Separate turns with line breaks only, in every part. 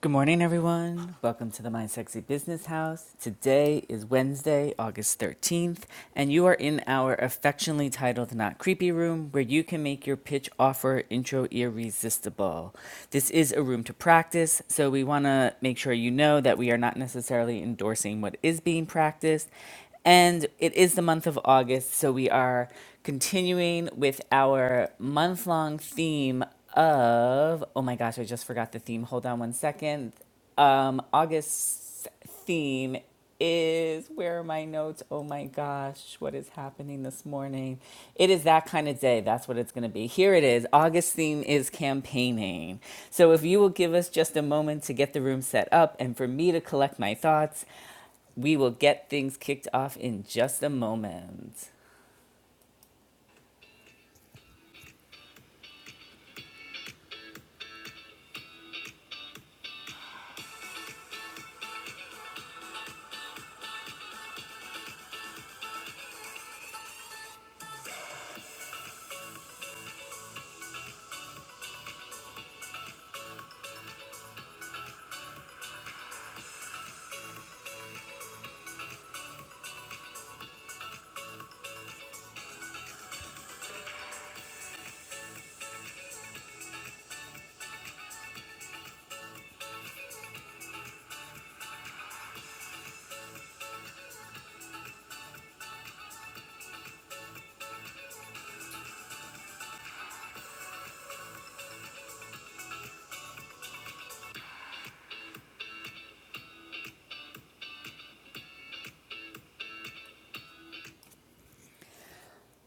Good morning, everyone. Welcome to the My Sexy Business House. Today is Wednesday, August 13th, and you are in our affectionately titled Not Creepy Room, where you can make your pitch offer intro irresistible. This is a room to practice, so we want to make sure you know that we are not necessarily endorsing what is being practiced. And it is the month of August, so we are continuing with our month long theme of oh my gosh, I just forgot the theme. Hold on one second. Um, August's theme is where are my notes? Oh my gosh, what is happening this morning? It is that kind of day. That's what it's going to be. Here it is. August theme is campaigning. So if you will give us just a moment to get the room set up and for me to collect my thoughts, we will get things kicked off in just a moment.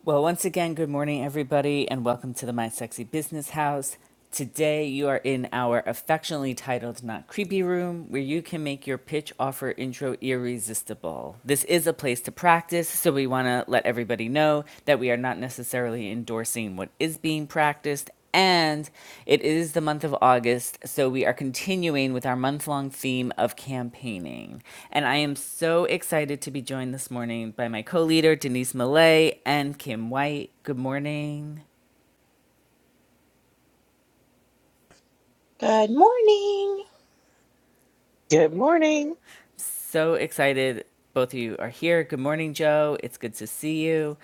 Well, once again, good morning, everybody, and welcome to the My Sexy Business House. Today, you are in our affectionately titled Not Creepy Room, where you can make your pitch offer intro irresistible. This is a place to practice, so we want to let everybody know that we are not necessarily endorsing what is being practiced and it is the month of August, so we are continuing with our month long theme of campaigning. And I am so excited to be joined this morning by my co leader, Denise Millay, and Kim White. Good morning.
Good morning.
Good morning.
So excited both of you are here. Good morning, Joe. It's good to see you.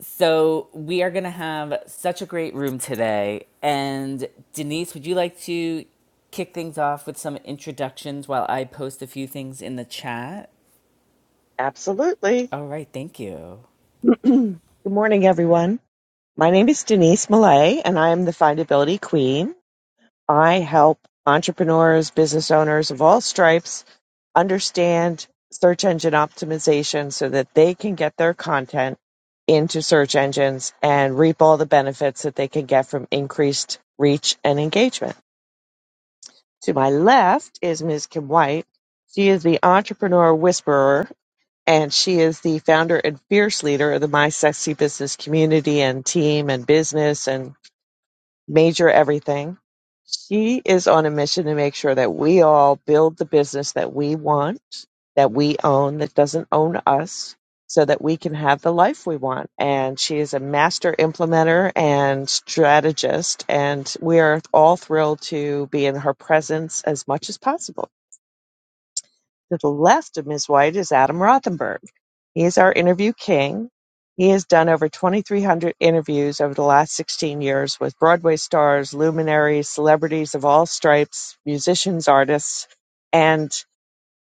So, we are going to have such a great room today. And, Denise, would you like to kick things off with some introductions while I post a few things in the chat?
Absolutely.
All right, thank you.
Good morning, everyone. My name is Denise Millay, and I am the Findability Queen. I help entrepreneurs, business owners of all stripes understand search engine optimization so that they can get their content into search engines and reap all the benefits that they can get from increased reach and engagement. To my left is Ms. Kim White. She is the entrepreneur whisperer and she is the founder and fierce leader of the My Sexy Business community and team and business and major everything. She is on a mission to make sure that we all build the business that we want, that we own, that doesn't own us, so that we can have the life we want. And she is a master implementer and strategist, and we are all thrilled to be in her presence as much as possible. To the left of Ms. White is Adam Rothenberg. He is our interview king. He has done over 2,300 interviews over the last 16 years with Broadway stars, luminaries, celebrities of all stripes, musicians, artists, and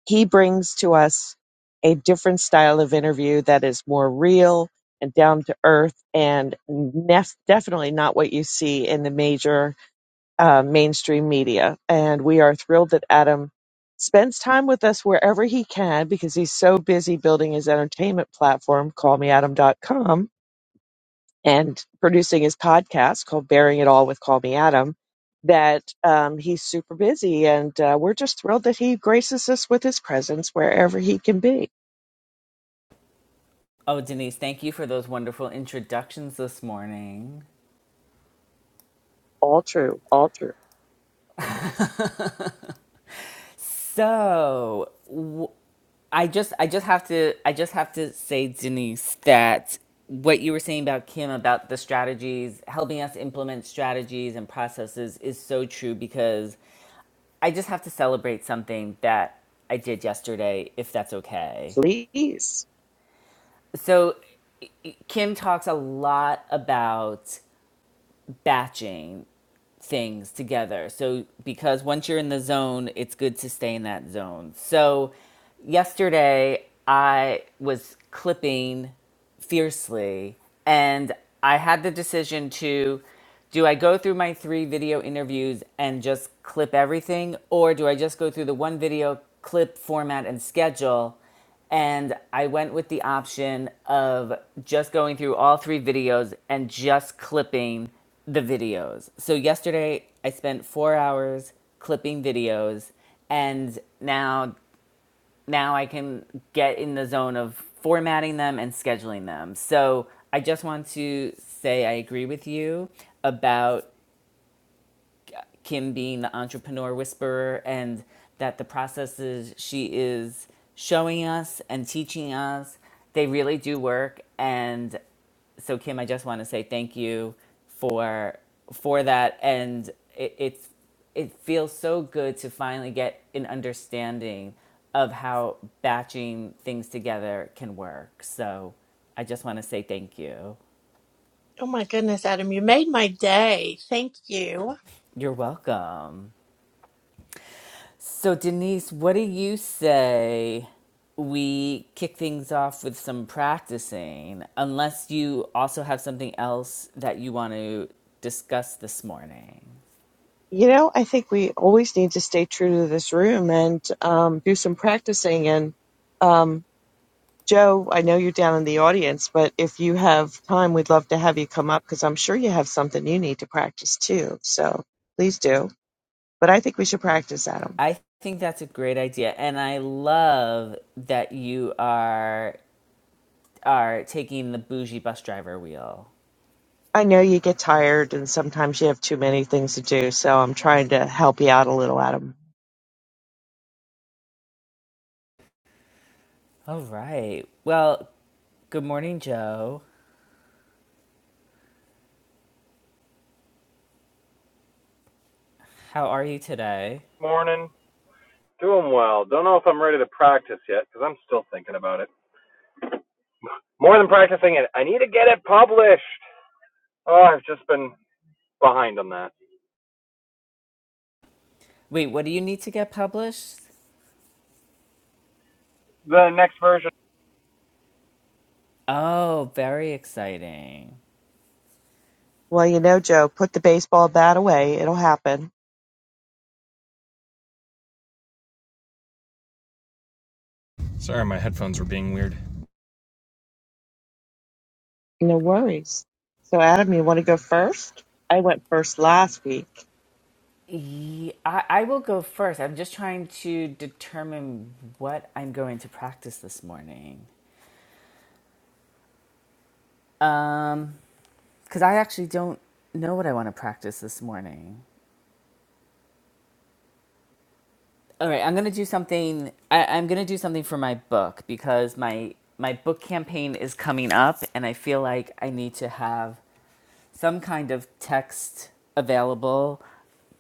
he brings to us a different style of interview that is more real and down to earth and nef- definitely not what you see in the major uh, mainstream media. And we are thrilled that Adam spends time with us wherever he can because he's so busy building his entertainment platform, callmeadam.com, and producing his podcast called Bearing It All with Call Me Adam, that um, he's super busy. And uh, we're just thrilled that he graces us with his presence wherever he can be.
Oh, Denise, thank you for those wonderful introductions this morning.
All true, all true.
So, w- I just I just have to I just have to say Denise that what you were saying about Kim about the strategies, helping us implement strategies and processes is so true because I just have to celebrate something that I did yesterday if that's okay.
Please.
So Kim talks a lot about batching things together. So because once you're in the zone, it's good to stay in that zone. So yesterday I was clipping fiercely and i had the decision to do i go through my three video interviews and just clip everything or do i just go through the one video clip format and schedule and i went with the option of just going through all three videos and just clipping the videos so yesterday i spent four hours clipping videos and now now I can get in the zone of formatting them and scheduling them. So I just want to say I agree with you about Kim being the entrepreneur whisperer and that the processes she is showing us and teaching us, they really do work. And so Kim, I just want to say thank you for for that, and it, it's it feels so good to finally get an understanding of how batching things together can work. So I just want to say thank you.
Oh my goodness, Adam, you made my day. Thank you.
You're welcome. So Denise, what do you say? We kick things off with some practicing, unless you also have something else that you want to discuss this morning.
You know, I think we always need to stay true to this room and um, do some practicing and um, Joe, I know you're down in the audience, but if you have time, we'd love to have you come up because I'm sure you have something you need to practice too. So please do. But I think we should practice, Adam.
I think that's a great idea, and I love that you are are taking the bougie bus driver wheel.
I know you get tired and sometimes you have too many things to do, so I'm trying to help you out a little, Adam.
All right. Well, good morning, Joe. How are you today?
Morning. Doing well. Don't know if I'm ready to practice yet because I'm still thinking about it. More than practicing it, I need to get it published. Oh, I've just been behind on that.
Wait, what do you need to get published?
The next version.
Oh, very exciting.
Well, you know, Joe, put the baseball bat away. It'll happen.
Sorry, my headphones were being weird.
No worries. So, Adam, you want to go first? I went first last week.
Ye- I, I will go first. I'm just trying to determine what I'm going to practice this morning. Um, because I actually don't know what I want to practice this morning. All right, I'm gonna do something. I, I'm gonna do something for my book because my my book campaign is coming up, and I feel like I need to have some kind of text available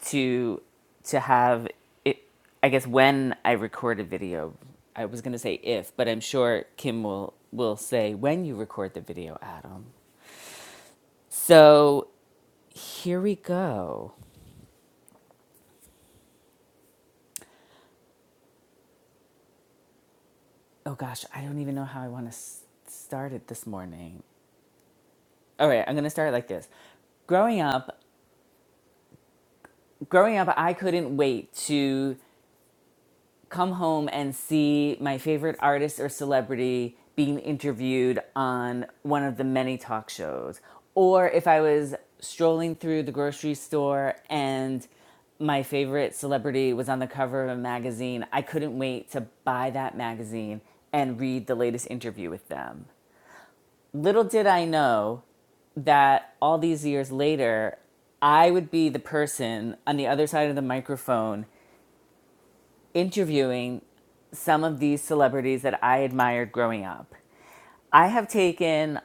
to to have it. I guess when I record a video, I was gonna say if, but I'm sure Kim will will say when you record the video, Adam. So here we go. Oh gosh, I don't even know how I want to s- start it this morning. All right, I'm gonna start like this. Growing up, growing up, I couldn't wait to come home and see my favorite artist or celebrity being interviewed on one of the many talk shows, or if I was strolling through the grocery store and my favorite celebrity was on the cover of a magazine, I couldn't wait to buy that magazine and read the latest interview with them. Little did I know that all these years later, I would be the person on the other side of the microphone interviewing some of these celebrities that I admired growing up. I have taken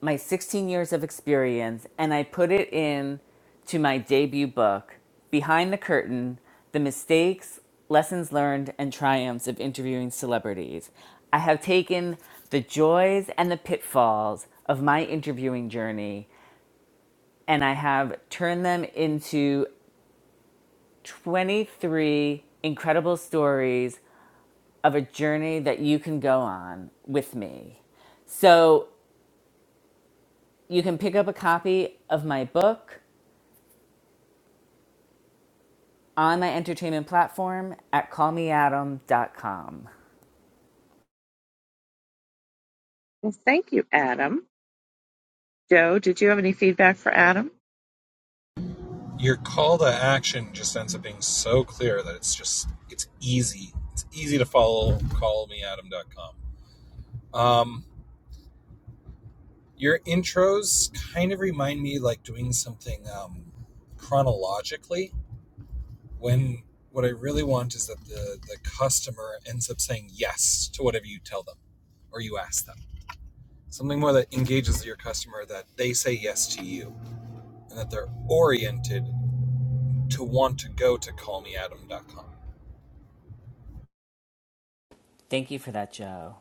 my 16 years of experience and I put it in to my debut book, Behind the Curtain: The Mistakes, Lessons Learned, and Triumphs of Interviewing Celebrities. I have taken the joys and the pitfalls of my interviewing journey and I have turned them into 23 incredible stories of a journey that you can go on with me. So you can pick up a copy of my book on my entertainment platform at callmeadam.com.
Well, thank you, Adam. Joe, did you have any feedback for Adam?
Thank you for that, Joe.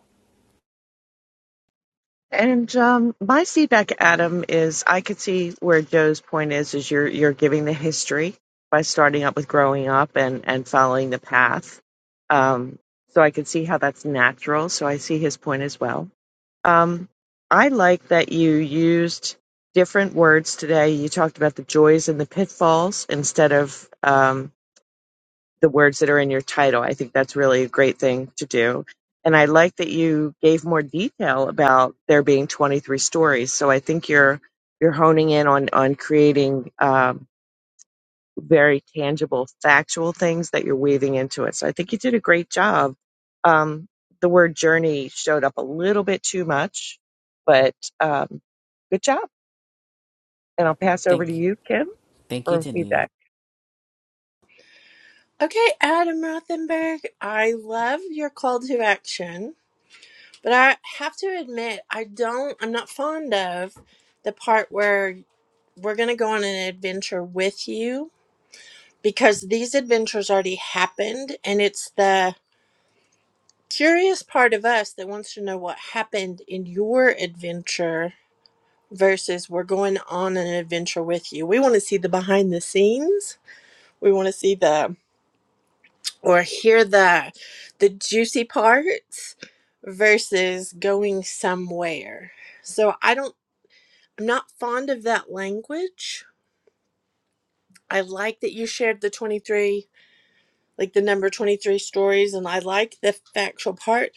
And um, my feedback, Adam, is I could see where Joe's point is: is you're you're giving the history by starting up with growing up and and following the path. Um, so I could see how that's natural. So I see his point as well. Um, I like that you used different words today. You talked about the joys and the pitfalls instead of um, the words that are in your title. I think that's really a great thing to do. And I like that you gave more detail about there being 23 stories. So I think you're you're honing in on on creating um, very tangible, factual things that you're weaving into it. So I think you did a great job. Um, the word journey showed up a little bit too much, but um, good job. And I'll pass over to
Thank you.
you, Kim,
Thank you,
for
Denise.
feedback.
Okay, Adam Rothenberg, I love your call to action, but I have to admit, I don't, I'm not fond of the part where we're going to go on an adventure with you because these adventures already happened and it's the curious part of us that wants to know what happened in your adventure versus we're going on an adventure with you. We want to see the behind the scenes We want to see the or hear the the juicy parts versus going somewhere. So I don't I'm not fond of that language. I like that you shared the 23 like the number 23 stories and I like the factual part,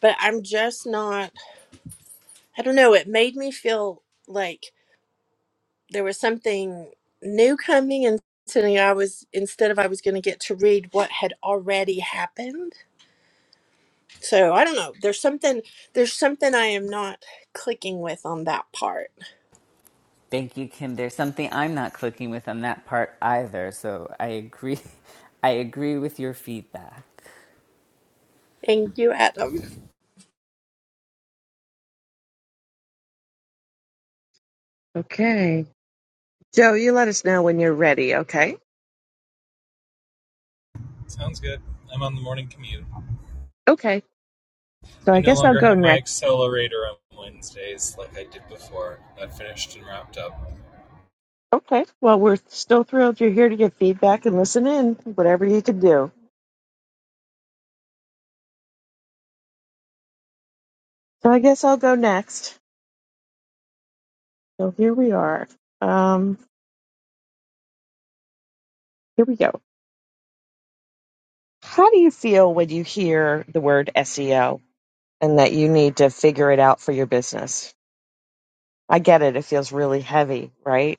but I'm just not I don't know, it made me feel like there was something new coming and suddenly I was instead of I was going to get to read what had already happened So I don't know. There's something there's something I am not clicking with on that part.
Thank you, Kim. There's something I'm not clicking with on that part either. So I agree. I agree with your feedback.
And you, Adam.
Okay. Joe, you let us know when you're ready, okay? Okay. So I guess I'll go next. Okay. Well, we're still thrilled you're here to give feedback and listen in, whatever you can do. So I guess I'll go next. So here we are. Um, here we go. How do you feel when you hear the word SEO and that you need to figure it out for your business? I get it. It feels really heavy, right?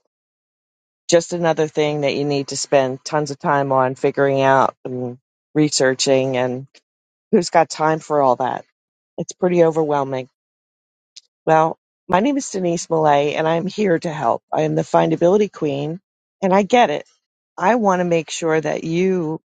Just another thing that you need to spend tons of time on figuring out and researching and who's got time for all that? It's pretty overwhelming. Well, my name is Denise Millay, and I'm here to help. I am the findability queen, and I get it. I want to make sure that you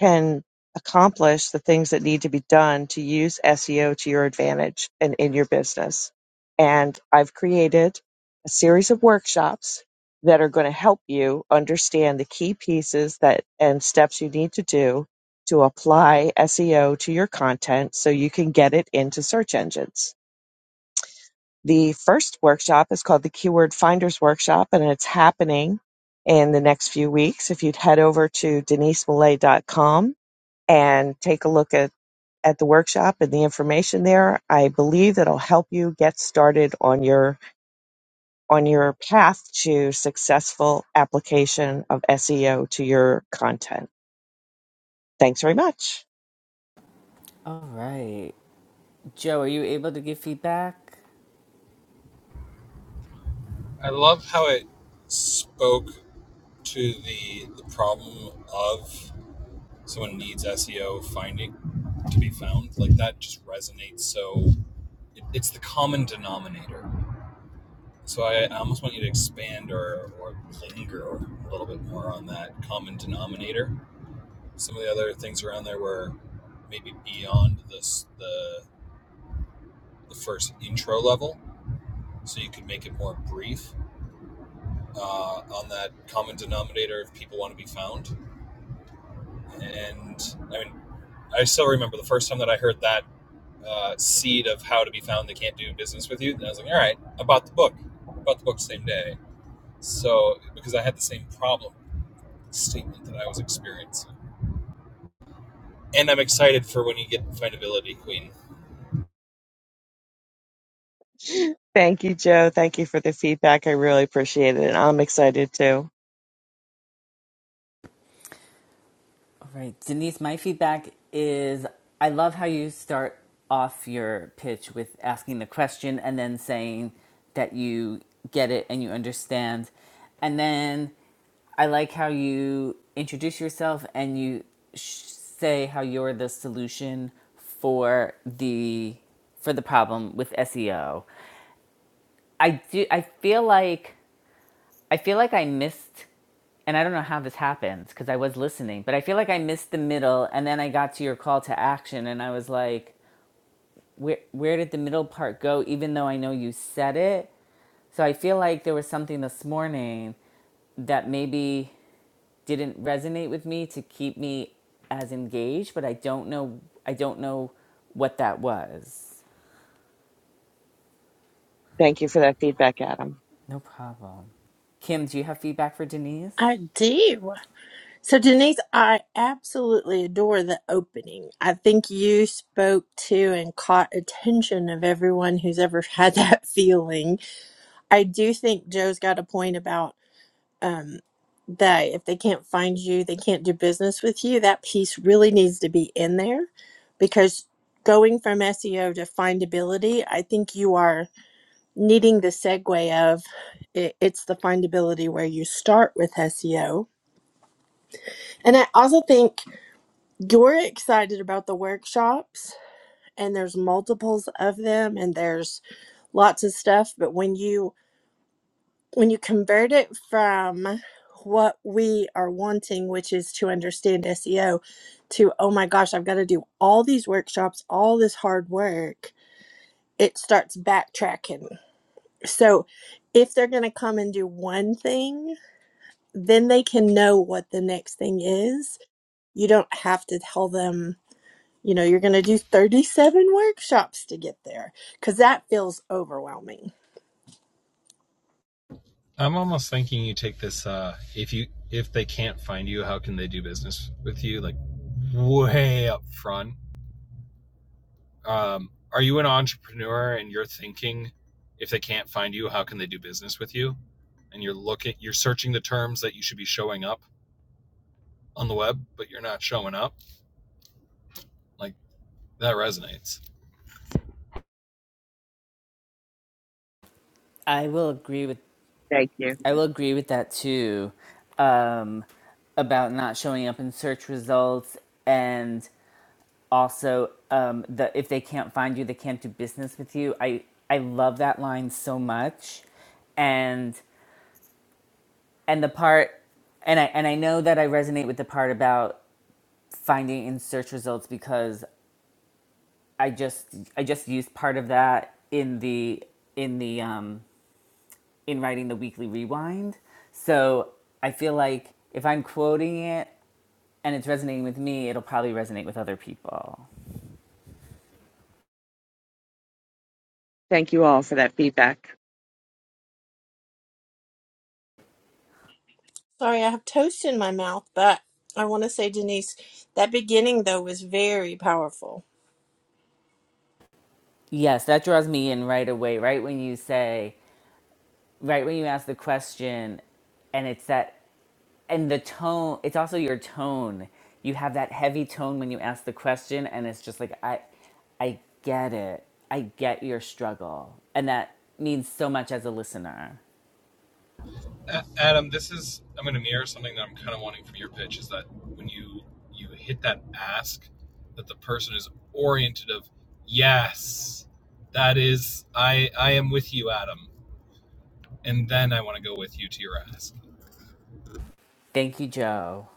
can accomplish the things that need to be done to use SEO to your advantage and in your business. And I've created a series of workshops that are going to help you understand the key pieces that and steps you need to do to apply SEO to your content so you can get it into search engines the first workshop is called the Keyword Finders Workshop, and it's happening in the next few weeks. If you'd head over to denisemillay.com and take a look at, at the workshop and the information there, I believe it'll help you get started on your on your path to successful application of SEO to your content. Thanks very much.
All right. Joe, are you able to give feedback?
Thank you, Joe. Thank you for the feedback. I really appreciate it. And I'm excited too.
All right, Denise, my feedback is I love how you start off your pitch with asking the question and then saying that you get it and you understand. And then I like how you introduce yourself and you sh- say how you're the solution for the for the problem with SEO. I do I feel like I feel like I missed, and I don't know how this happens because I was listening, but I feel like I missed the middle, and then I got to your call to action, and I was like, where where did the middle part go? Even though I know you said it, so I feel like there was something this morning that maybe didn't resonate with me to keep me as engaged, but I don't know. I don't know what that was.
Thank you for that feedback, Adam.
No problem. Kim, do you have feedback for Denise?
I do. So Denise, I absolutely adore the opening. I think you spoke to and caught attention of everyone who's ever had that feeling. I do think Joe's got a point about um that if they can't find you, they can't do business with you. That piece really needs to be in there because going from SEO to findability, I think you are needing the segue of it, it's the findability where you start with SEO. And I also think you're excited about the workshops and there's multiples of them and there's lots of stuff, but when you when you convert it from what we are wanting, which is to understand SEO, to oh my gosh, I've got to do all these workshops, all this hard work, it starts backtracking. So if they're going to come and do one thing, then they can know what the next thing is. You don't have to tell them, you know, you're going to do 37 workshops to get there because that feels overwhelming.
I will agree with
Thank you.
I will agree with that too, um, about not showing up in search results and also um, the if they can't find you, they can't do business with you. I I love that line so much, and and the part, and I and I know that I resonate with the part about finding in search results because I just I just used part of that in the in the um, in writing the weekly rewind. So I feel like if I'm quoting it and it's resonating with me, it'll probably resonate with other people.
Thank you all for that feedback.
Sorry, I have toast in my mouth, but I want to say, Denise, that beginning though was very powerful.
Yes, that draws me in right away, right when you say, right when you ask the question, and it's that, and the tone, it's also your tone. You have that heavy tone when you ask the question, and it's just like, I, I get it. I get your struggle. And that means so much as a listener. Thank you, Joe.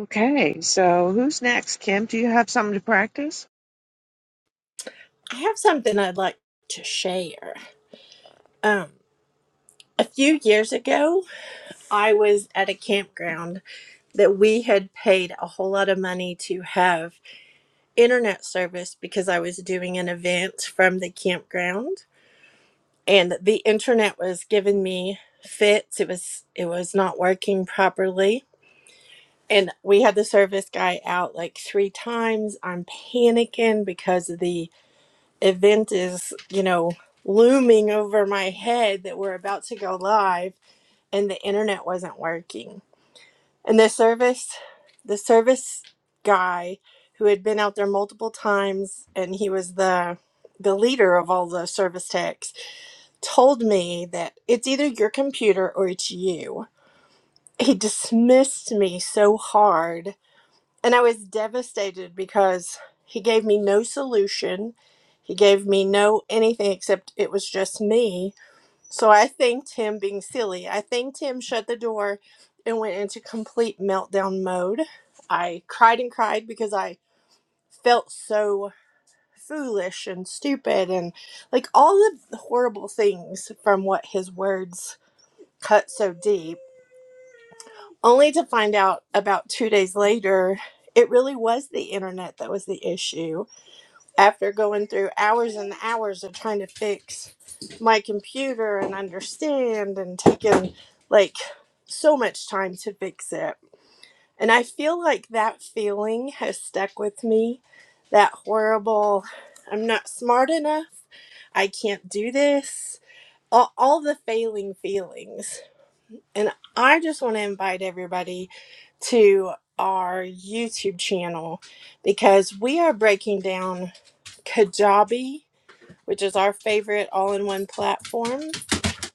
Okay, so who's next? Kim, do you have something to practice?
I have something I'd like to share. Um, a few years ago, I was at a campground that we had paid a whole lot of money to have internet service because I was doing an event from the campground and the internet was giving me fits. It was it was not working properly. And we had the service guy out like three times. I'm panicking because the event is, you know, looming over my head that we're about to go live and the internet wasn't working. And the service, the service guy who had been out there multiple times and he was the the leader of all the service techs told me that it's either your computer or it's you. He dismissed me so hard and I was devastated because he gave me no solution. He gave me no anything except it was just me so I thanked him being silly. I thanked him, shut the door, and went into complete meltdown mode. I cried and cried because I felt so foolish and stupid and like all the horrible things from what his words cut so deep. Only to find out about two days later, it really was the internet that was the issue after going through hours and hours of trying to fix my computer and understand and taking like so much time to fix it. And I feel like that feeling has stuck with me. That horrible, I'm not smart enough, I can't do this, all, all the failing feelings. And I just want to invite everybody to our YouTube channel because we are breaking down Kajabi which is our favorite all in one platform,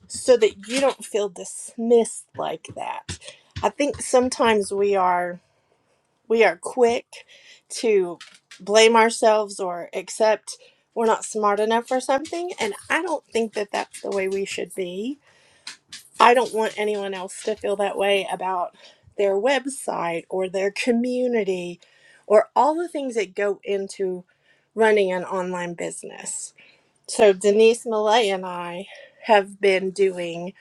so that you don't feel dismissed like that. I think sometimes we are we are quick to blame ourselves or accept we're not smart enough for something and I don't think that that's the way we should be. I don't want anyone else to feel that way about their website or their community or all the things that go into running an online business so, Denise Millay and I have been doing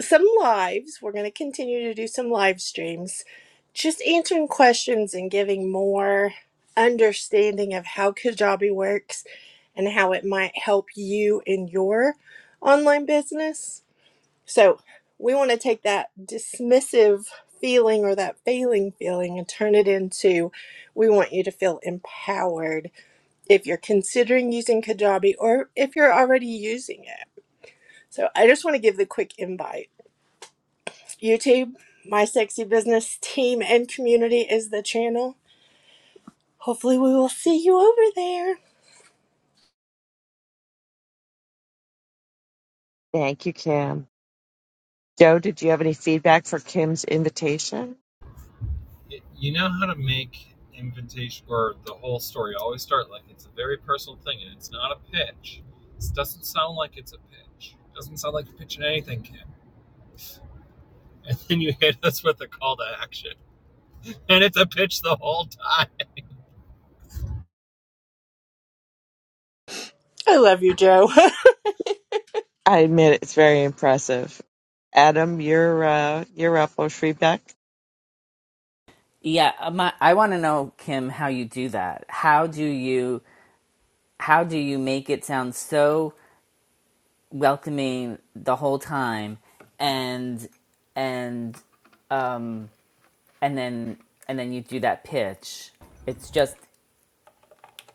some lives. We're going to continue to do some live streams, just answering questions and giving more understanding of how Kajabi works and how it might help you in your online business. So, we want to take that dismissive feeling or that failing feeling and turn it into we want you to feel empowered if you're considering using Kajabi or if you're already using it. So I just want to give the quick invite. YouTube, my sexy business team and community is the channel. Hopefully we will see you over there.
Thank you, Kim. Joe, did you have any feedback for Kim's invitation?
I love you, Joe.
I admit it's very impressive. Adam, you're uh, you're up on Shriebeck.
Yeah, uh, my, I want to know, Kim, how you do that. How do you how do you make it sound so welcoming the whole time and and um and then and then you do that pitch it's just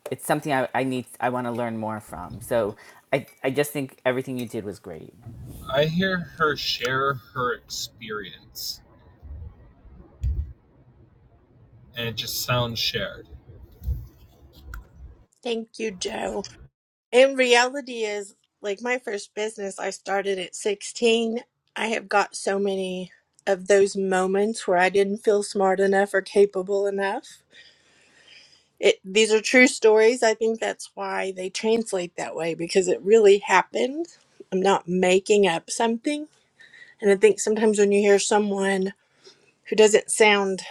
it's something i, I need i want to learn more from so i i just think everything you did was great
Thank you, Joe. And reality is like my first business I started at 16. I have got so many of those moments where I didn't feel smart enough or capable enough It, these are true stories. I think that's why they translate that way because it really happened. I'm not making up something. And I think sometimes when you hear someone who doesn't sound,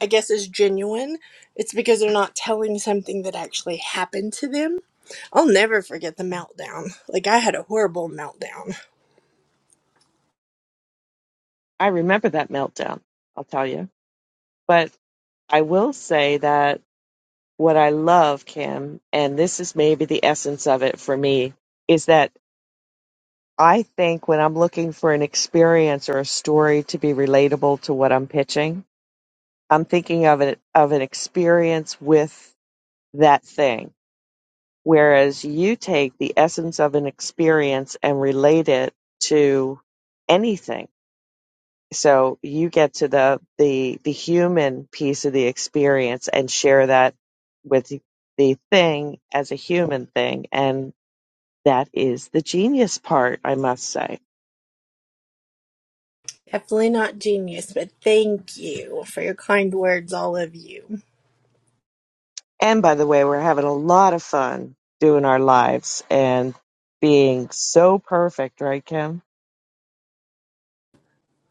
I guess, as genuine, it's because they're not telling something that actually happened to them. I'll never forget the meltdown. Like, I had a horrible meltdown.
I remember that meltdown. I'll tell you, but I will say that what I love, Kim, and this is maybe the essence of it for me, is that I think when I'm looking for an experience or a story to be relatable to what I'm pitching, I'm thinking of it of an experience with that thing Whereas you take the essence of an experience and relate it to anything. So you get to the, the, the human piece of the experience and share that with the thing as a human thing. And that is the genius part, I must say.
Definitely not genius, but thank you for your kind words, all of you.
And by the way, we're having a lot of fun doing our lives and being so perfect, right, Kim?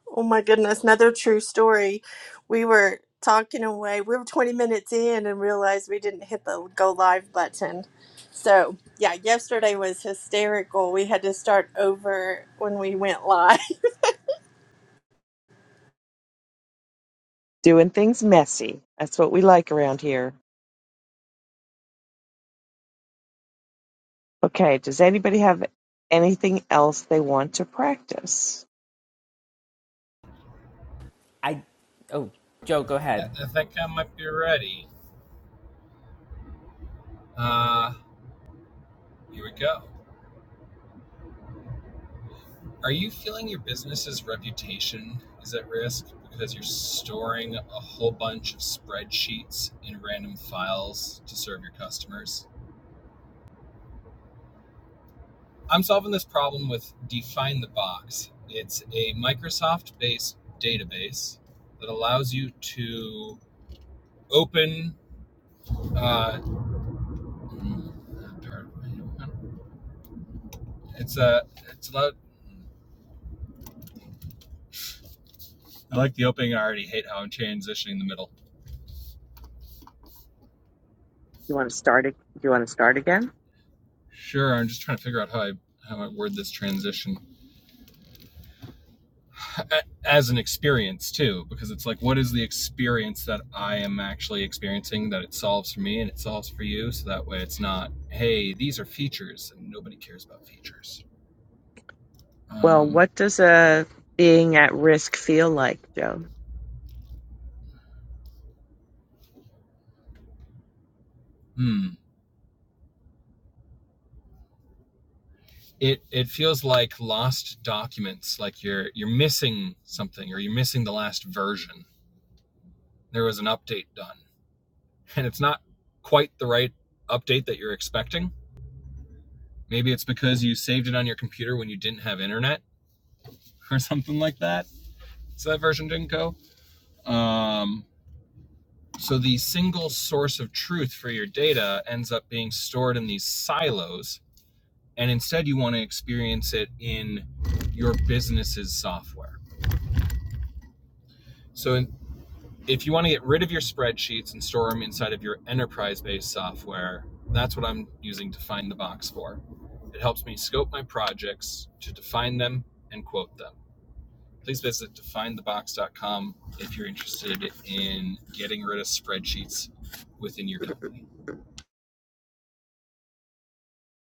Oh my goodness, another true story. We were talking away. We were 20 minutes in and realized we didn't hit the go live button. So, yeah, yesterday was hysterical. We had to start over when we went live.
Doing things messy. That's what we like around here. Okay, does anybody have anything else they want to practice?
i oh joe go ahead
You want to start? ag- You want to start again? Well, what does a being at risk feel like, Joe?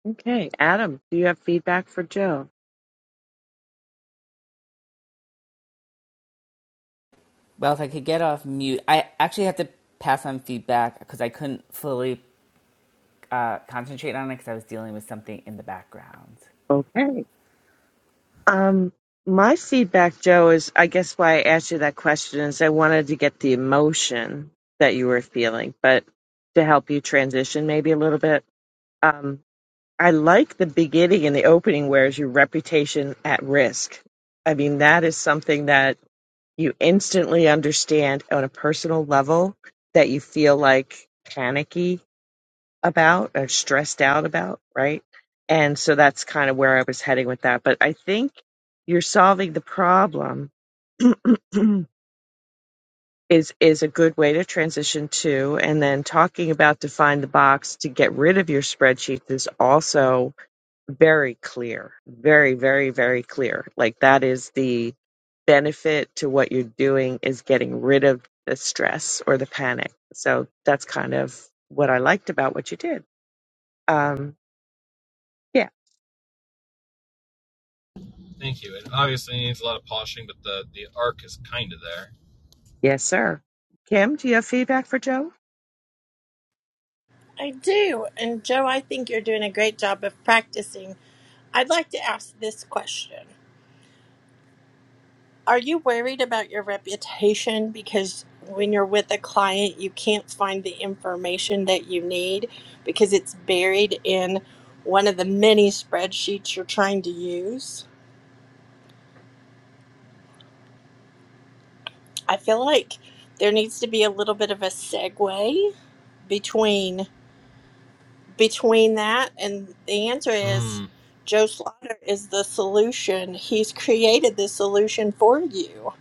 Okay, Adam, do you have feedback for Joe?
well if i could get off mute i actually had to pass on feedback because i couldn't fully uh, concentrate on it because i was dealing with something in the background
Okay. Um, my feedback, Joe, is I guess why I asked you that question is I wanted to get the emotion that you were feeling, but to help you transition maybe a little bit. Um, I like the beginning and the opening where is your reputation at risk. I mean, that is something that you instantly understand on a personal level that you feel like panicky about or stressed out about, right? And so that's kind of where I was heading with that. But I think you're solving the problem is is a good way to transition to. And then talking about define the box to get rid of your spreadsheet is also very clear very very very clear like that is the benefit to what you're doing is getting rid of the stress or the panic so that's kind of what i liked about what you did um yeah yes sir kim do you have feedback for joe
I do. And Joe, I think you're doing a great job of practicing. I'd like to ask this question Are you worried about your reputation because when you're with a client, you can't find the information that you need because it's buried in one of the many spreadsheets you're trying to use? I feel like there needs to be a little bit of a segue between between that and the answer is Joe Slaughter is the solution. He's created the solution for you.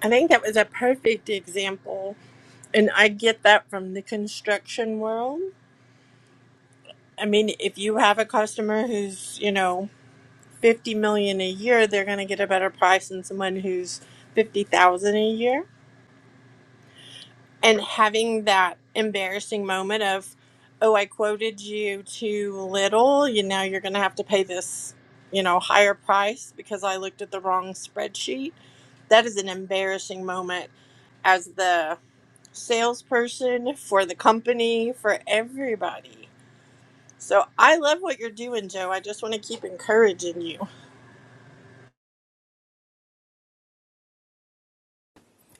I think that was a perfect example And I get that from the construction world. I mean, if you have a customer who's, you know, 50 million a year, they're going to get a better price than someone who's 50,000 a year. And having that embarrassing moment of, "Oh, I quoted you too little, you now you're going to have to pay this, you know, higher price because I looked at the wrong spreadsheet." That is an embarrassing moment as the salesperson for the company, for everybody So I love what you're doing, Joe. I just want to keep encouraging you.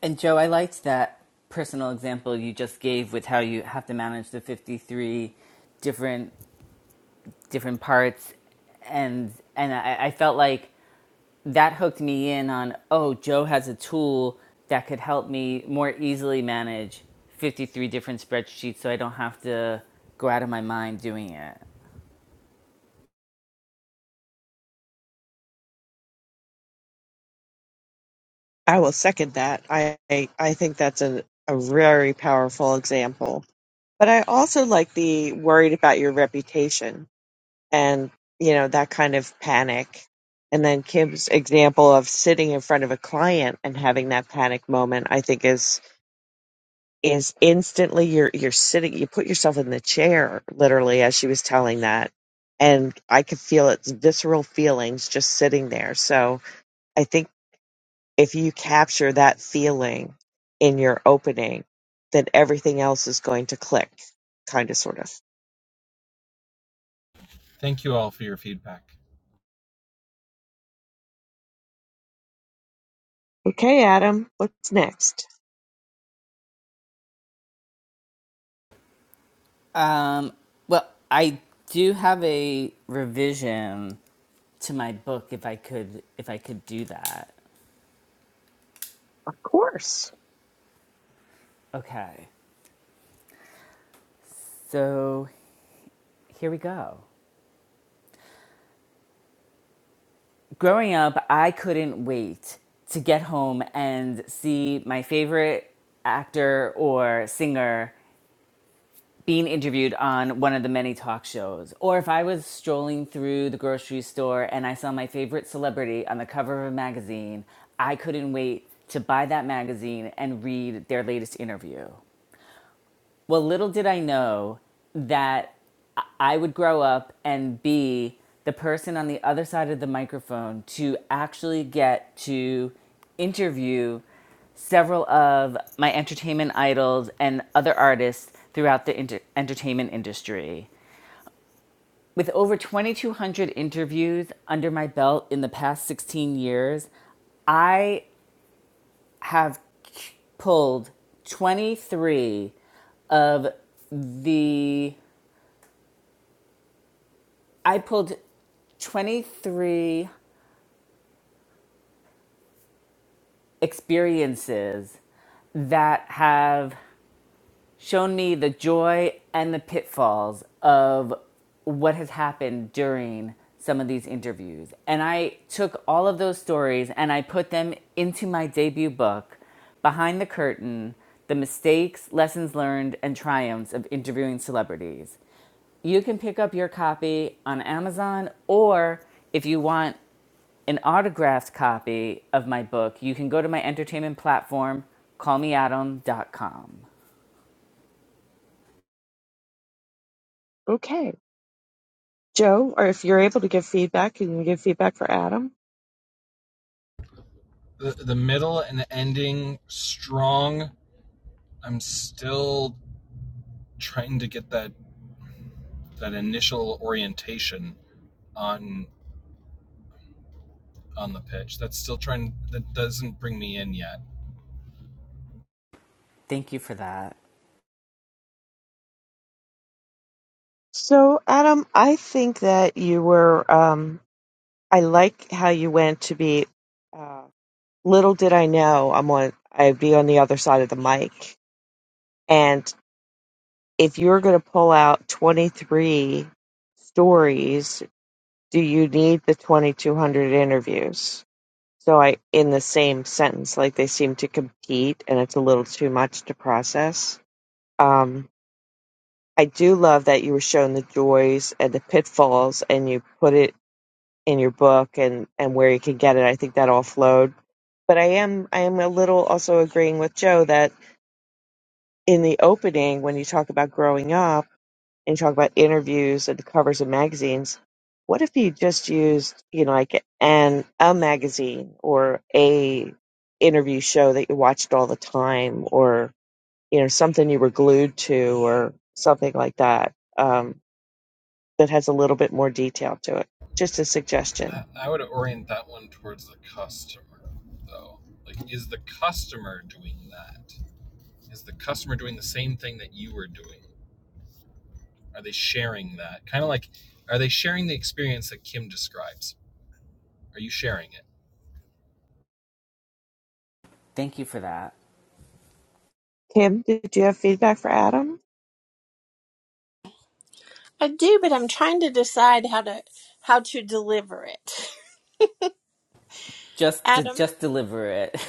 And Joe, I liked that personal example you just gave with how you have to manage the 53 different different parts and and I, I felt like that hooked me in on oh Joe has a tool that could help me more easily manage 53 different spreadsheets so I don't have to go out of my mind doing it.
i will second that i i, I think that's a, a very powerful example but i also like the worried about your reputation and you know that kind of panic and then kim's example of sitting in front of a client and having that panic moment i think is is instantly you're you're sitting you put yourself in the chair literally as she was telling that and i could feel its visceral feelings just sitting there so i think if you capture that feeling in your opening then everything else is going to click kind of sort of okay adam what's next
Um, well, I do have a revision to my book if I could if I could do that.
of course
Okay. So here we go. Growing up, I couldn't wait to get home and see my favorite actor or singer being interviewed on one of the many talk shows. Or if I was strolling through the grocery store and I saw my favorite celebrity on the cover of a magazine, I couldn't wait to buy that magazine and read their latest interview. Well, little did I know that I- would grow up and be the person on the other side of the microphone to actually get to interview several of my entertainment idols and other artists throughout the inter- entertainment industry. With over 2,200 interviews under my belt in the past 16 years, I have pulled 23 of the I pulled 23 experiences that have shown me the joy and the pitfalls of what has happened during some of these interviews. And I took all of those stories and I put them into my debut book, Behind the Curtain The Mistakes, Lessons Learned, and Triumphs of Interviewing Celebrities. You can pick up your copy on Amazon, or if you want an autographed copy of my book, you can go to my entertainment platform, call me adam dot com.
Okay. Joe, or if you're able to give feedback, can you give feedback for Adam?
Thank you for that.
So, Adam, I think that you were. Um, I like how you went to be. Uh, little did I know I'm on. I'd be on the other side of the mic, and if you're going to pull out 23 stories, do you need the 2,200 interviews? So I, in the same sentence, like they seem to compete, and it's a little too much to process. Um, I do love that you were shown the joys and the pitfalls, and you put it in your book and and where you can get it. I think that all flowed But I am I am a little also agreeing with Joe that in the opening when you talk about growing up and you talk about interviews and the covers of magazines, what if you just used, you know, like an a magazine or a interview show that you watched all the time or you know something you were glued to or something like that um, that has a little bit more detail to it. Just a suggestion.
Thank you for that.
Kim, did you have feedback for Adam?
I do, but I'm trying to decide how to how to deliver it.
Just to,
Adam,
just deliver it.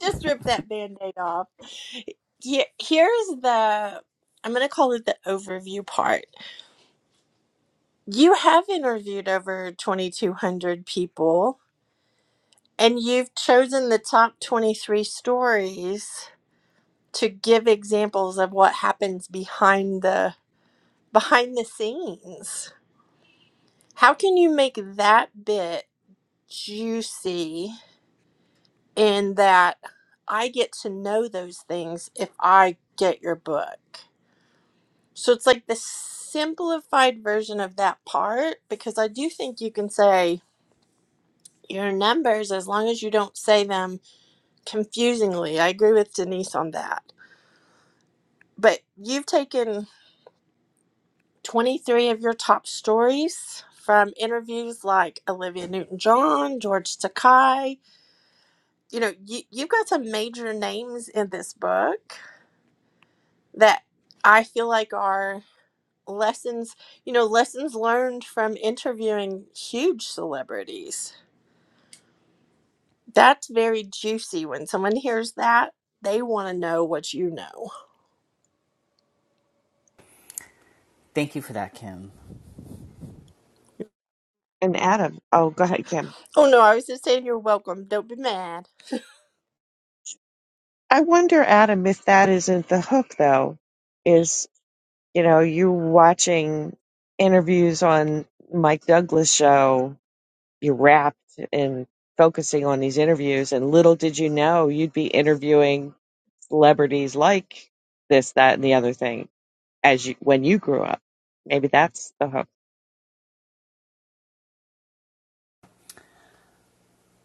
just rip that band-aid off. Here- Here's the I'm going to call it the overview part. You have interviewed over 2200 people and you've chosen the top 23 stories to give examples of what happens behind the behind the scenes. How can you make that bit juicy in that I get to know those things if I get your book. So it's like the simplified version of that part because I do think you can say your numbers as long as you don't say them confusingly. I agree with Denise on that. But you've taken 23 of your top stories from interviews like Olivia Newton John, George Takai. You know, you, you've got some major names in this book that I feel like are lessons, you know, lessons learned from interviewing huge celebrities. That's very juicy. When someone hears that, they want to know what you know.
Thank you for that, Kim.
And Adam, oh, go ahead, Kim.
Oh no, I was just saying you're welcome. Don't be mad.
I wonder, Adam, if that isn't the hook, though, is, you know, you watching interviews on Mike Douglas' show, you're wrapped in focusing on these interviews, and little did you know you'd be interviewing celebrities like this, that, and the other thing as you when you grew up. Maybe that's the hook.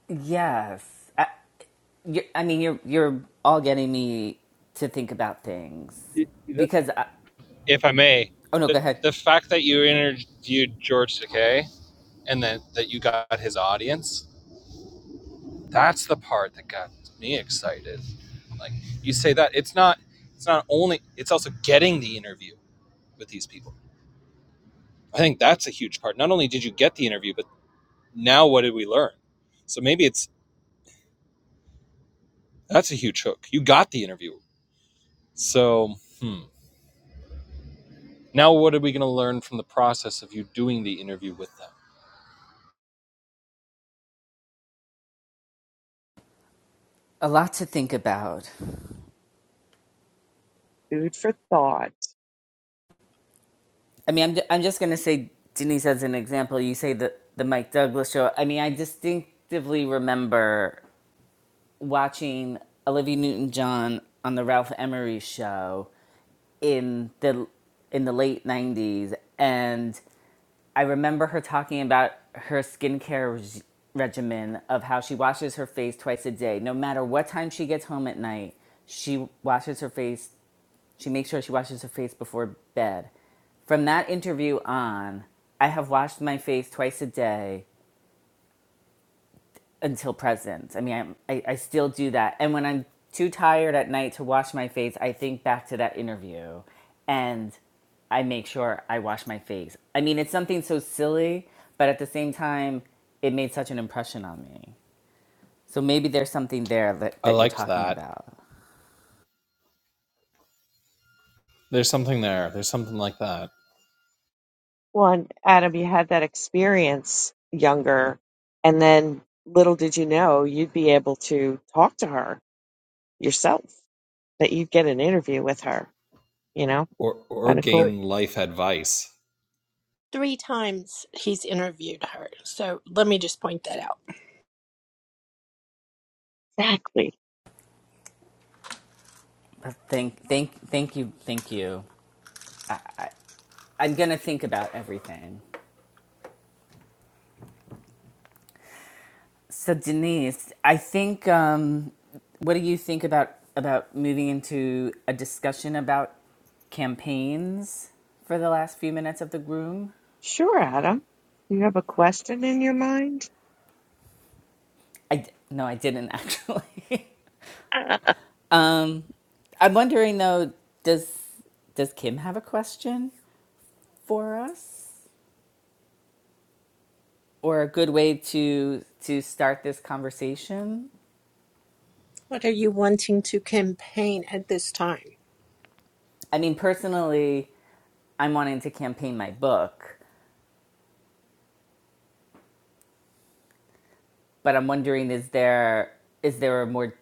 Yes. I, you're, I mean, you're you're all getting me to think about things because I, oh no, go ahead. A lot to think about.
Food for thought.
I mean, I'm I'm just gonna say Denise as an example. You say the the Mike Douglas show. I mean, I distinctively remember watching Olivia Newton-John on the Ralph Emery show in the in the late 90s and I remember her talking about her skincare reg- regimen of how she washes her face twice a day. No matter what time she gets home at night, she washes her face. She makes sure she washes her face before bed. From that interview on, I have washed my face twice a day until present. I mean, I'm, I, I still do that. And when I'm too tired at night to wash my face, I think back to that interview and I make sure I wash my face. I mean, it's something so silly, but at the same time, it made such an impression on me. So maybe there's something there that, that you're talking about.
One, Adam, you had that experience younger, and then little did you know you'd be able to talk to her yourself that you'd get an interview with her. You know, kind of
Three
cool.
three times he's interviewed her. So let me just point that out.
Exactly.
But Thank, thank, thank you, thank you. I'm gonna think about everything. So Denise, I think um, what do you think about about moving into a discussion about campaigns for the last few minutes of the room?
Sure, Adam. Do you have a question in your mind?
I d- no, I didn't actually. um, I'm wondering though, does does Kim have a question for us or a good way to to start this conversation?
What are you wanting to campaign at this time?
I mean, personally, I'm wanting to campaign my book but I'm wondering is there is there a more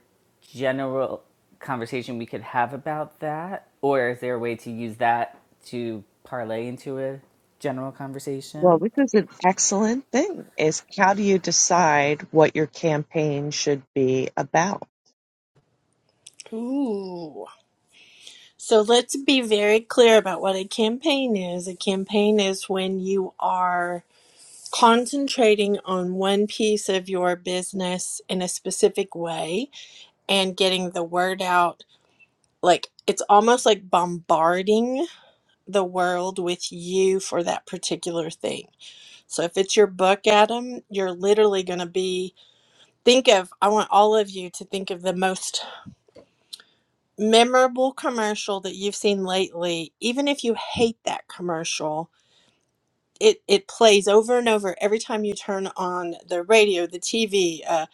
general conversation we could have about that, or is there a way to use that to parlay into a general
Well,
conversation?
this is an excellent thing. Is how do you decide what your campaign should be about?
Ooh. So let's be very clear about what a campaign is. A campaign is when you are concentrating on one piece of your business in a specific way and getting the word out like it's almost like bombarding the world with you for that particular thing. So if it's your book, Adam, you're literally going to be think of I want all of you to think of the most memorable commercial that you've seen lately, even if you hate that commercial it it plays over and over every time you turn on the radio, the TV, uh,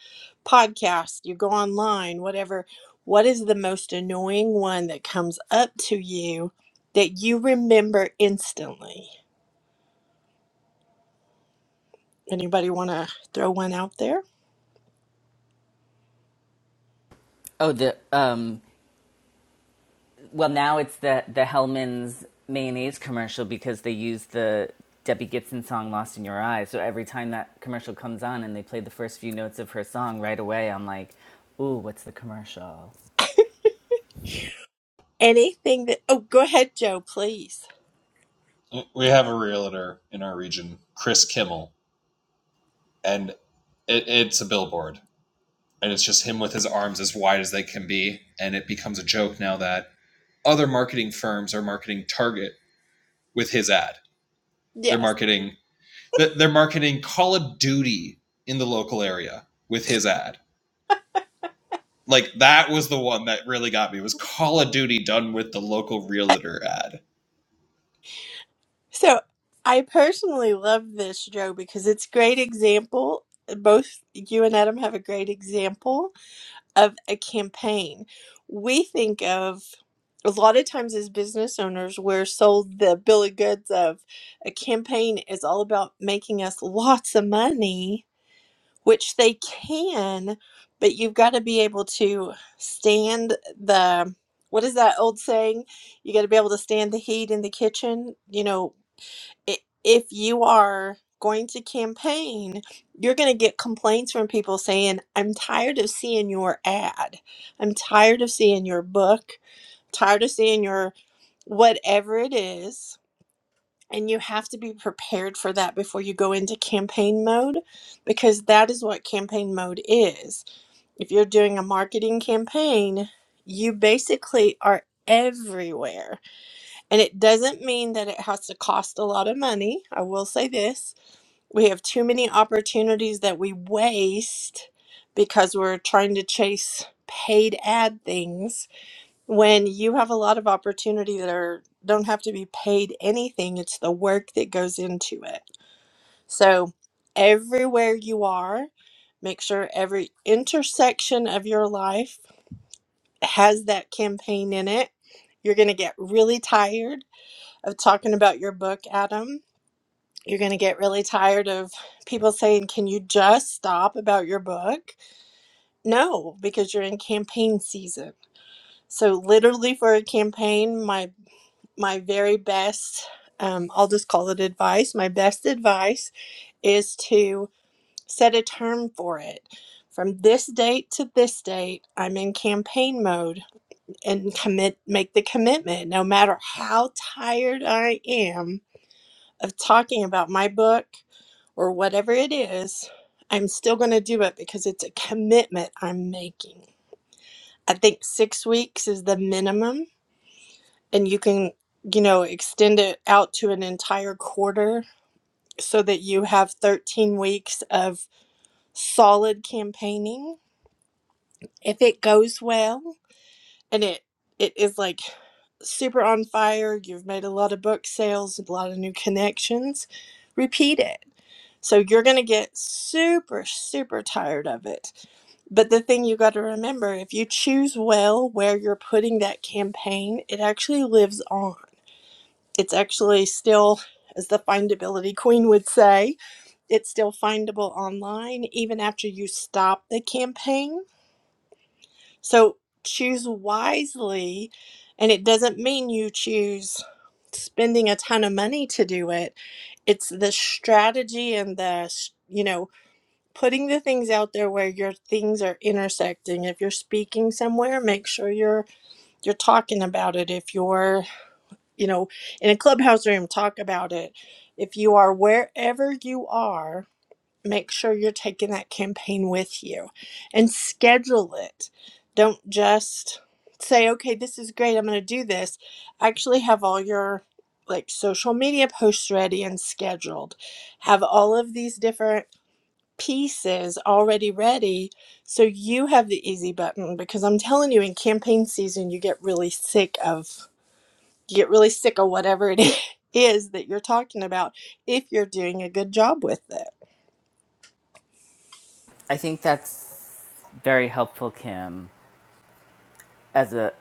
podcast, you go online, whatever. What is the most annoying one that comes up to you that you remember instantly? Anybody want to throw one out there?
Oh, the um, well now it's the the Hellman's mayonnaise commercial because they use the Debbie Gibson song "Lost in Your Eyes." So every time that commercial comes on and they play the first few notes of her song, right away I'm like, "Ooh, what's the commercial?"
Anything that? Oh, go ahead, Joe, please. Yes. So I personally love this, Joe, because it's great example. Both you and Adam have a great example of a campaign. We think of a lot of times as business owners, we're sold the bill of goods of a campaign is all about making us lots of money, which they can, but you've got to be able to stand the what is that old saying? You got to be able to stand the heat in the kitchen. You know, i- if you are going to campaign, you're going to get complaints from people saying, I'm tired of seeing your ad. I'm tired of seeing your book, tired of seeing your whatever it is. And you have to be prepared for that before you go into campaign mode because that is what campaign mode is. If you're doing a marketing campaign, you basically are everywhere. And it doesn't mean that it has to cost a lot of money. I will say this we have too many opportunities that we waste because we're trying to chase paid ad things when you have a lot of opportunity that are don't have to be paid anything. It's the work that goes into it. So everywhere you are, make sure every intersection of your life has that campaign in it. You're going to get really tired of talking about your book, Adam you're going to get really tired of people saying, Can you just stop about your book? No, because you're in campaign season. So, literally, for a campaign, my, my very best, um, I'll just call it advice, my best advice is to set a term for it. From this date to this date, I'm in campaign mode and commit make the commitment no matter how tired I am of talking about my book or whatever it is, I'm still going to do it because it's a commitment I'm making. I think six weeks is the minimum, and you can, you know, extend it out to an entire quarter so that you have 13 weeks of solid campaigning. If it goes well and it, it is like super on fire, you've made a lot of book sales, a lot of new connections, repeat it So you're going to get super, super tired of it. But the thing you got to remember if you choose well where you're putting that campaign, it actually lives on. It's actually still, as the findability queen would say, it's still findable online even after you stop the campaign. So choose wisely. And it doesn't mean you choose spending a ton of money to do it, it's the strategy and the, you know, putting the things out there where your things are intersecting if you're speaking somewhere make sure you're you're talking about it if you're you know in a clubhouse room talk about it if you are wherever you are make sure you're taking that campaign with you and schedule it don't just say okay this is great i'm going to do this actually have all your like social media posts ready and scheduled have all of these different pieces already ready so you have the easy button because I'm telling you in campaign season you get really sick of you get really sick of whatever it is that you're talking about if you're doing a good job with it.
I think that's very helpful, Kim. as a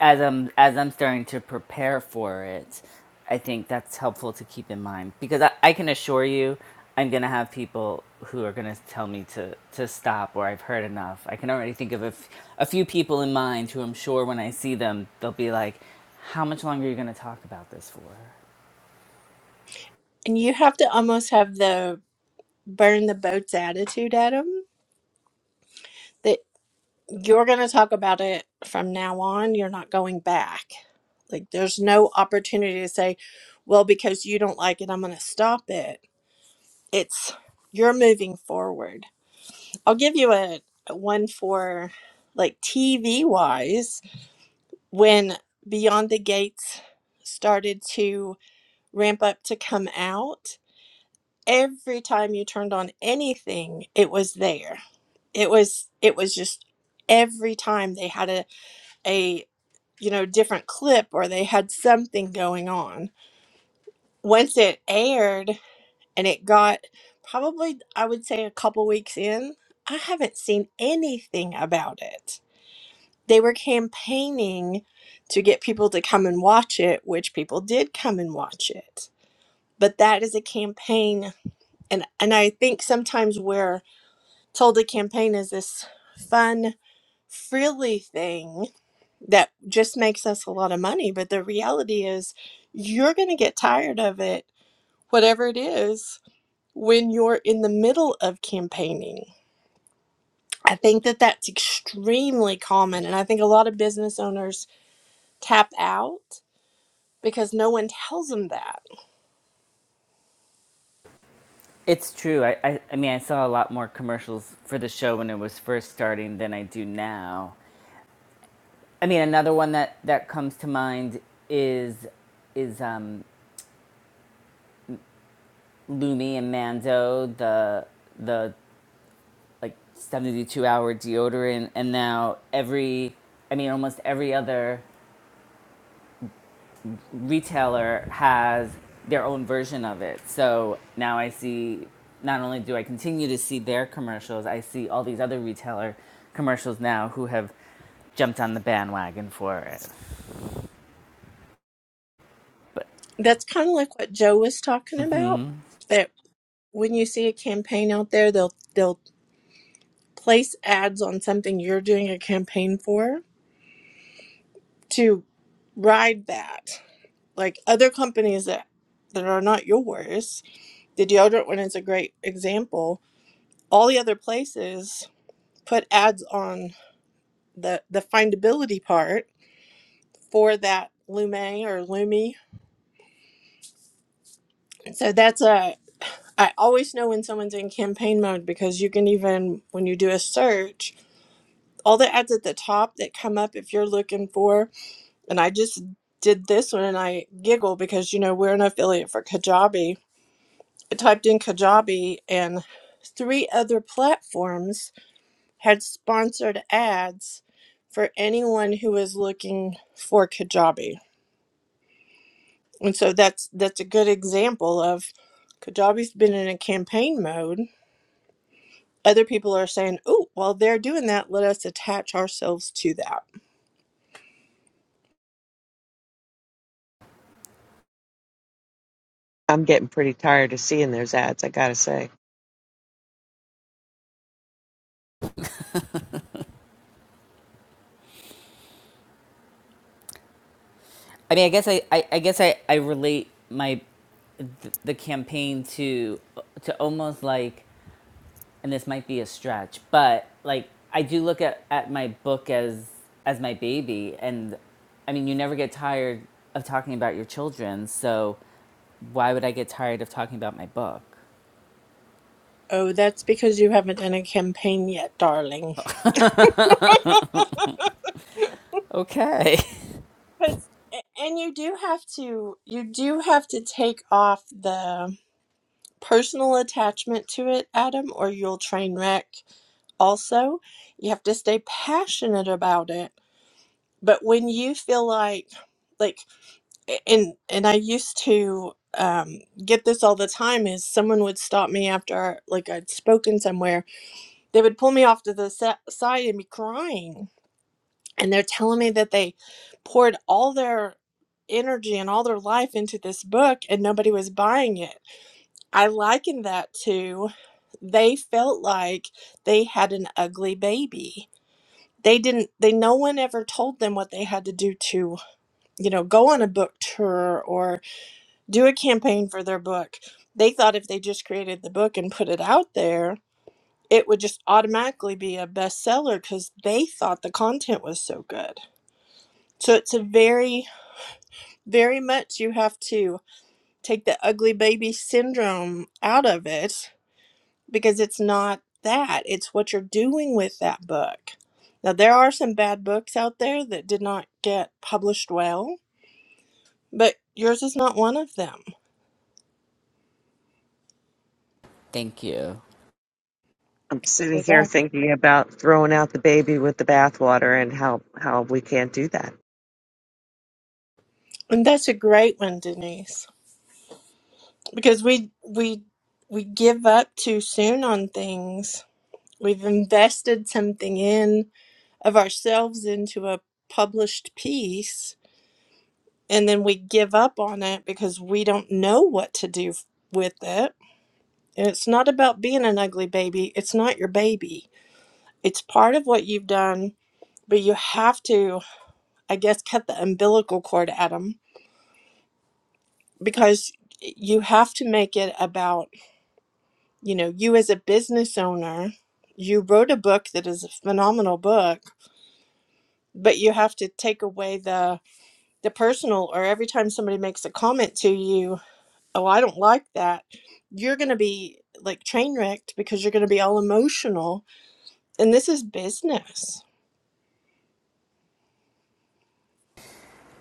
as I'm as I'm starting to prepare for it, I think that's helpful to keep in mind because I, I can assure you I'm gonna have people who are gonna tell me to to stop or I've heard enough. I can already think of a, f- a few people in mind who I'm sure when I see them they'll be like, "How much longer are you gonna talk about this for?"
And you have to almost have the burn the boats attitude at them that you're going to talk about it from now on, you're not going back. Like there's no opportunity to say, well because you don't like it, I'm going to stop it. It's you're moving forward I'll give you a one for like TV wise when Beyond the Gates started to ramp up to come out. Every time you turned on anything, it was there. It was it was just every time they had a a you know different clip or they had something going on. Once it aired and it got probably I would say a couple weeks in, I haven't seen anything about it They were campaigning to get people to come and watch it, which people did come and watch it. But that is a campaign and and I think sometimes we're told a campaign is this fun frilly thing that just makes us a lot of money, but the reality is you're going to get tired of it whatever it is when you're in the middle of campaigning. I think that that's extremely common and I think a lot of business owners tap out because no one tells them that.
It's true. I, I, I mean, I saw a lot more commercials for the show when it was first starting than I do now. I mean, another one that that comes to mind is is um, Lumi and Mando, the the like seventy two hour deodorant, and now every, I mean, almost every other retailer has their own version of it. So now I see. Not only do I continue to see their commercials, I see all these other retailer commercials now who have jumped on the bandwagon for it. But
That's kind of like what Joe was talking about.
mm-hmm.
That when you see a campaign out there, they'll they'll place ads on something you're doing a campaign for to ride that. Like other companies that that are not yours, the deodorant one is a great example. All the other places put ads on the the findability part for that Lume or Lumi. So that's a I always know when someone's in campaign mode because you can even, when you do a search, all the ads at the top that come up if you're looking for, and I just did this one and I giggle because, you know, we're an affiliate for Kajabi. I typed in Kajabi and three other platforms had sponsored ads for anyone who was looking for Kajabi. And so that's that's a good example of Kajabi's been in a campaign mode Other people are saying, oh, while they're doing that, let us attach ourselves to that.
I'm getting pretty tired of seeing those ads, I gotta say.
I mean, I guess I, I, I guess I, I relate my th- the campaign to to almost like, and this might be a stretch, but like I do look at, at my book as as my baby, and I mean, you never get tired of talking about your children, so why would I get tired of talking about my book?
Oh, that's because you haven't done a campaign yet, darling.
Okay.
'Cause- a- and you do have to you do have to take off the personal attachment to it, Adam, or you'll train wreck. Also, you have to stay passionate about it. But when you feel like like and and I used to um, get this all the time is someone would stop me after like I'd spoken somewhere. They would pull me off to the sa- side and be crying, and they're telling me that they poured all their energy and all their life into this book and nobody was buying it. I likened that to they felt like they had an ugly baby. They didn't they no one ever told them what they had to do to, you know, go on a book tour do a campaign for their book. They thought if they just created the book and put it out there, it would just automatically be a bestseller because they thought the content was so good. So it's a very, very much you have to take the ugly baby syndrome out of it because it's not that, it's what you're doing with that book. Now, there are some bad books out there that did not get published well, but yours is not one of them.
Thank you.
I'm sitting
You're
here
welcome.
thinking about throwing out the baby with the bathwater and how, how we can't do that.
And that's a great one, Denise. because we we we give up too soon on things. We've invested something in of ourselves into a published piece and then we give up on it because we don't know what to do f- with it. And it's not about being an ugly baby. It's not your baby. It's part of what you've done, but you have to I guess cut the umbilical cord Adam because you have to make it about you know, you as a business owner, you wrote a book that is a phenomenal book, but you have to take away the the personal or every time somebody makes a comment to you, oh, I don't like that, you're going to be like train wrecked because you're going to be all emotional. And this is business.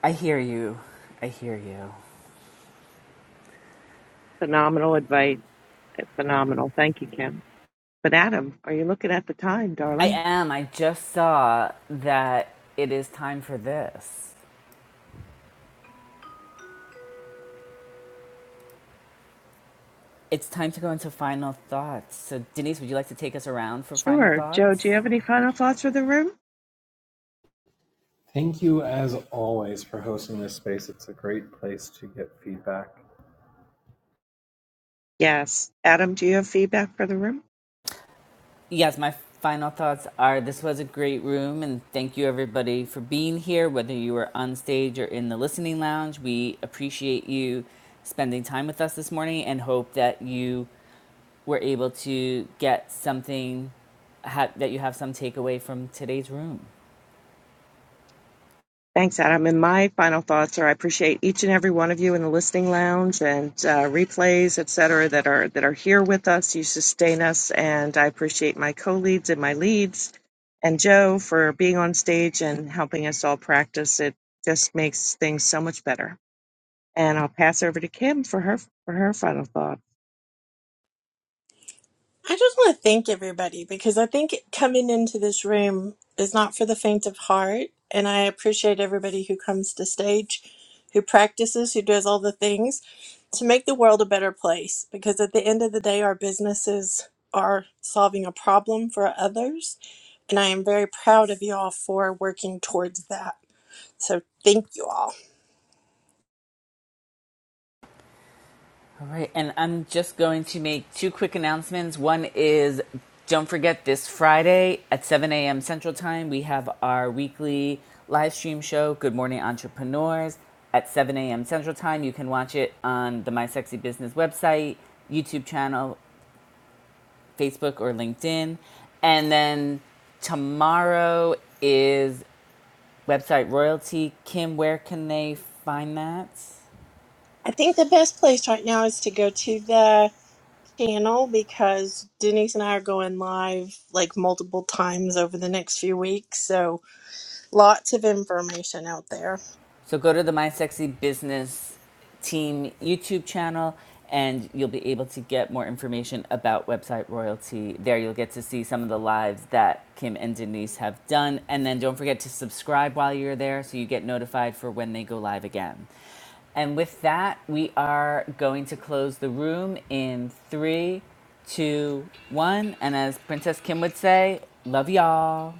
I hear you. I hear you.
Phenomenal advice. Phenomenal. Thank you, Kim. But Adam, are you looking at the time,
I
darling?
am. I just saw that it is time for this. It's time to go into final thoughts. So, Denise, would you like to take us around for final
Sure. Joe, do
thoughts?
you have any final thoughts for the room? Yes. Adam, do you have feedback for the room?
Yes, my final thoughts are this was a great room, and thank you everybody for being here, whether you were on stage or in the listening lounge. We appreciate you spending time with us this morning and hope that you were able to get something, that you have some takeaway from today's room.
Thanks, Adam. And my final thoughts are: I appreciate each and every one of you in the listening lounge and uh, replays, et cetera, that are that are here with us. You sustain us, and I appreciate my co-leads and my leads, and Joe for being on stage and helping us all practice. It just makes things so much better. And I'll pass over to Kim for her for her final thought.
I just want to thank everybody because I think coming into this room is not for the faint of heart. And I appreciate everybody who comes to stage, who practices, who does all the things to make the world a better place. Because at the end of the day, our businesses are solving a problem for others. And I am very proud of you all for working towards that. So thank you all.
All right, and I'm just going to make two quick announcements. One is don't forget this Friday at 7 a.m. Central Time, we have our weekly live stream show, Good Morning Entrepreneurs, at 7 a.m. Central Time. You can watch it on the My Sexy Business website, YouTube channel, Facebook, or LinkedIn. And then tomorrow is website royalty. Kim, where can they find that?
I think the best place right now is to go to the channel because Denise and I are going live like multiple times over the next few weeks. So lots of information out there.
So go to the My Sexy Business Team YouTube channel and you'll be able to get more information about website royalty. There you'll get to see some of the lives that Kim and Denise have done. And then don't forget to subscribe while you're there so you get notified for when they go live again. And with that, we are going to close the room in three, two, one. And as Princess Kim would say, love y'all.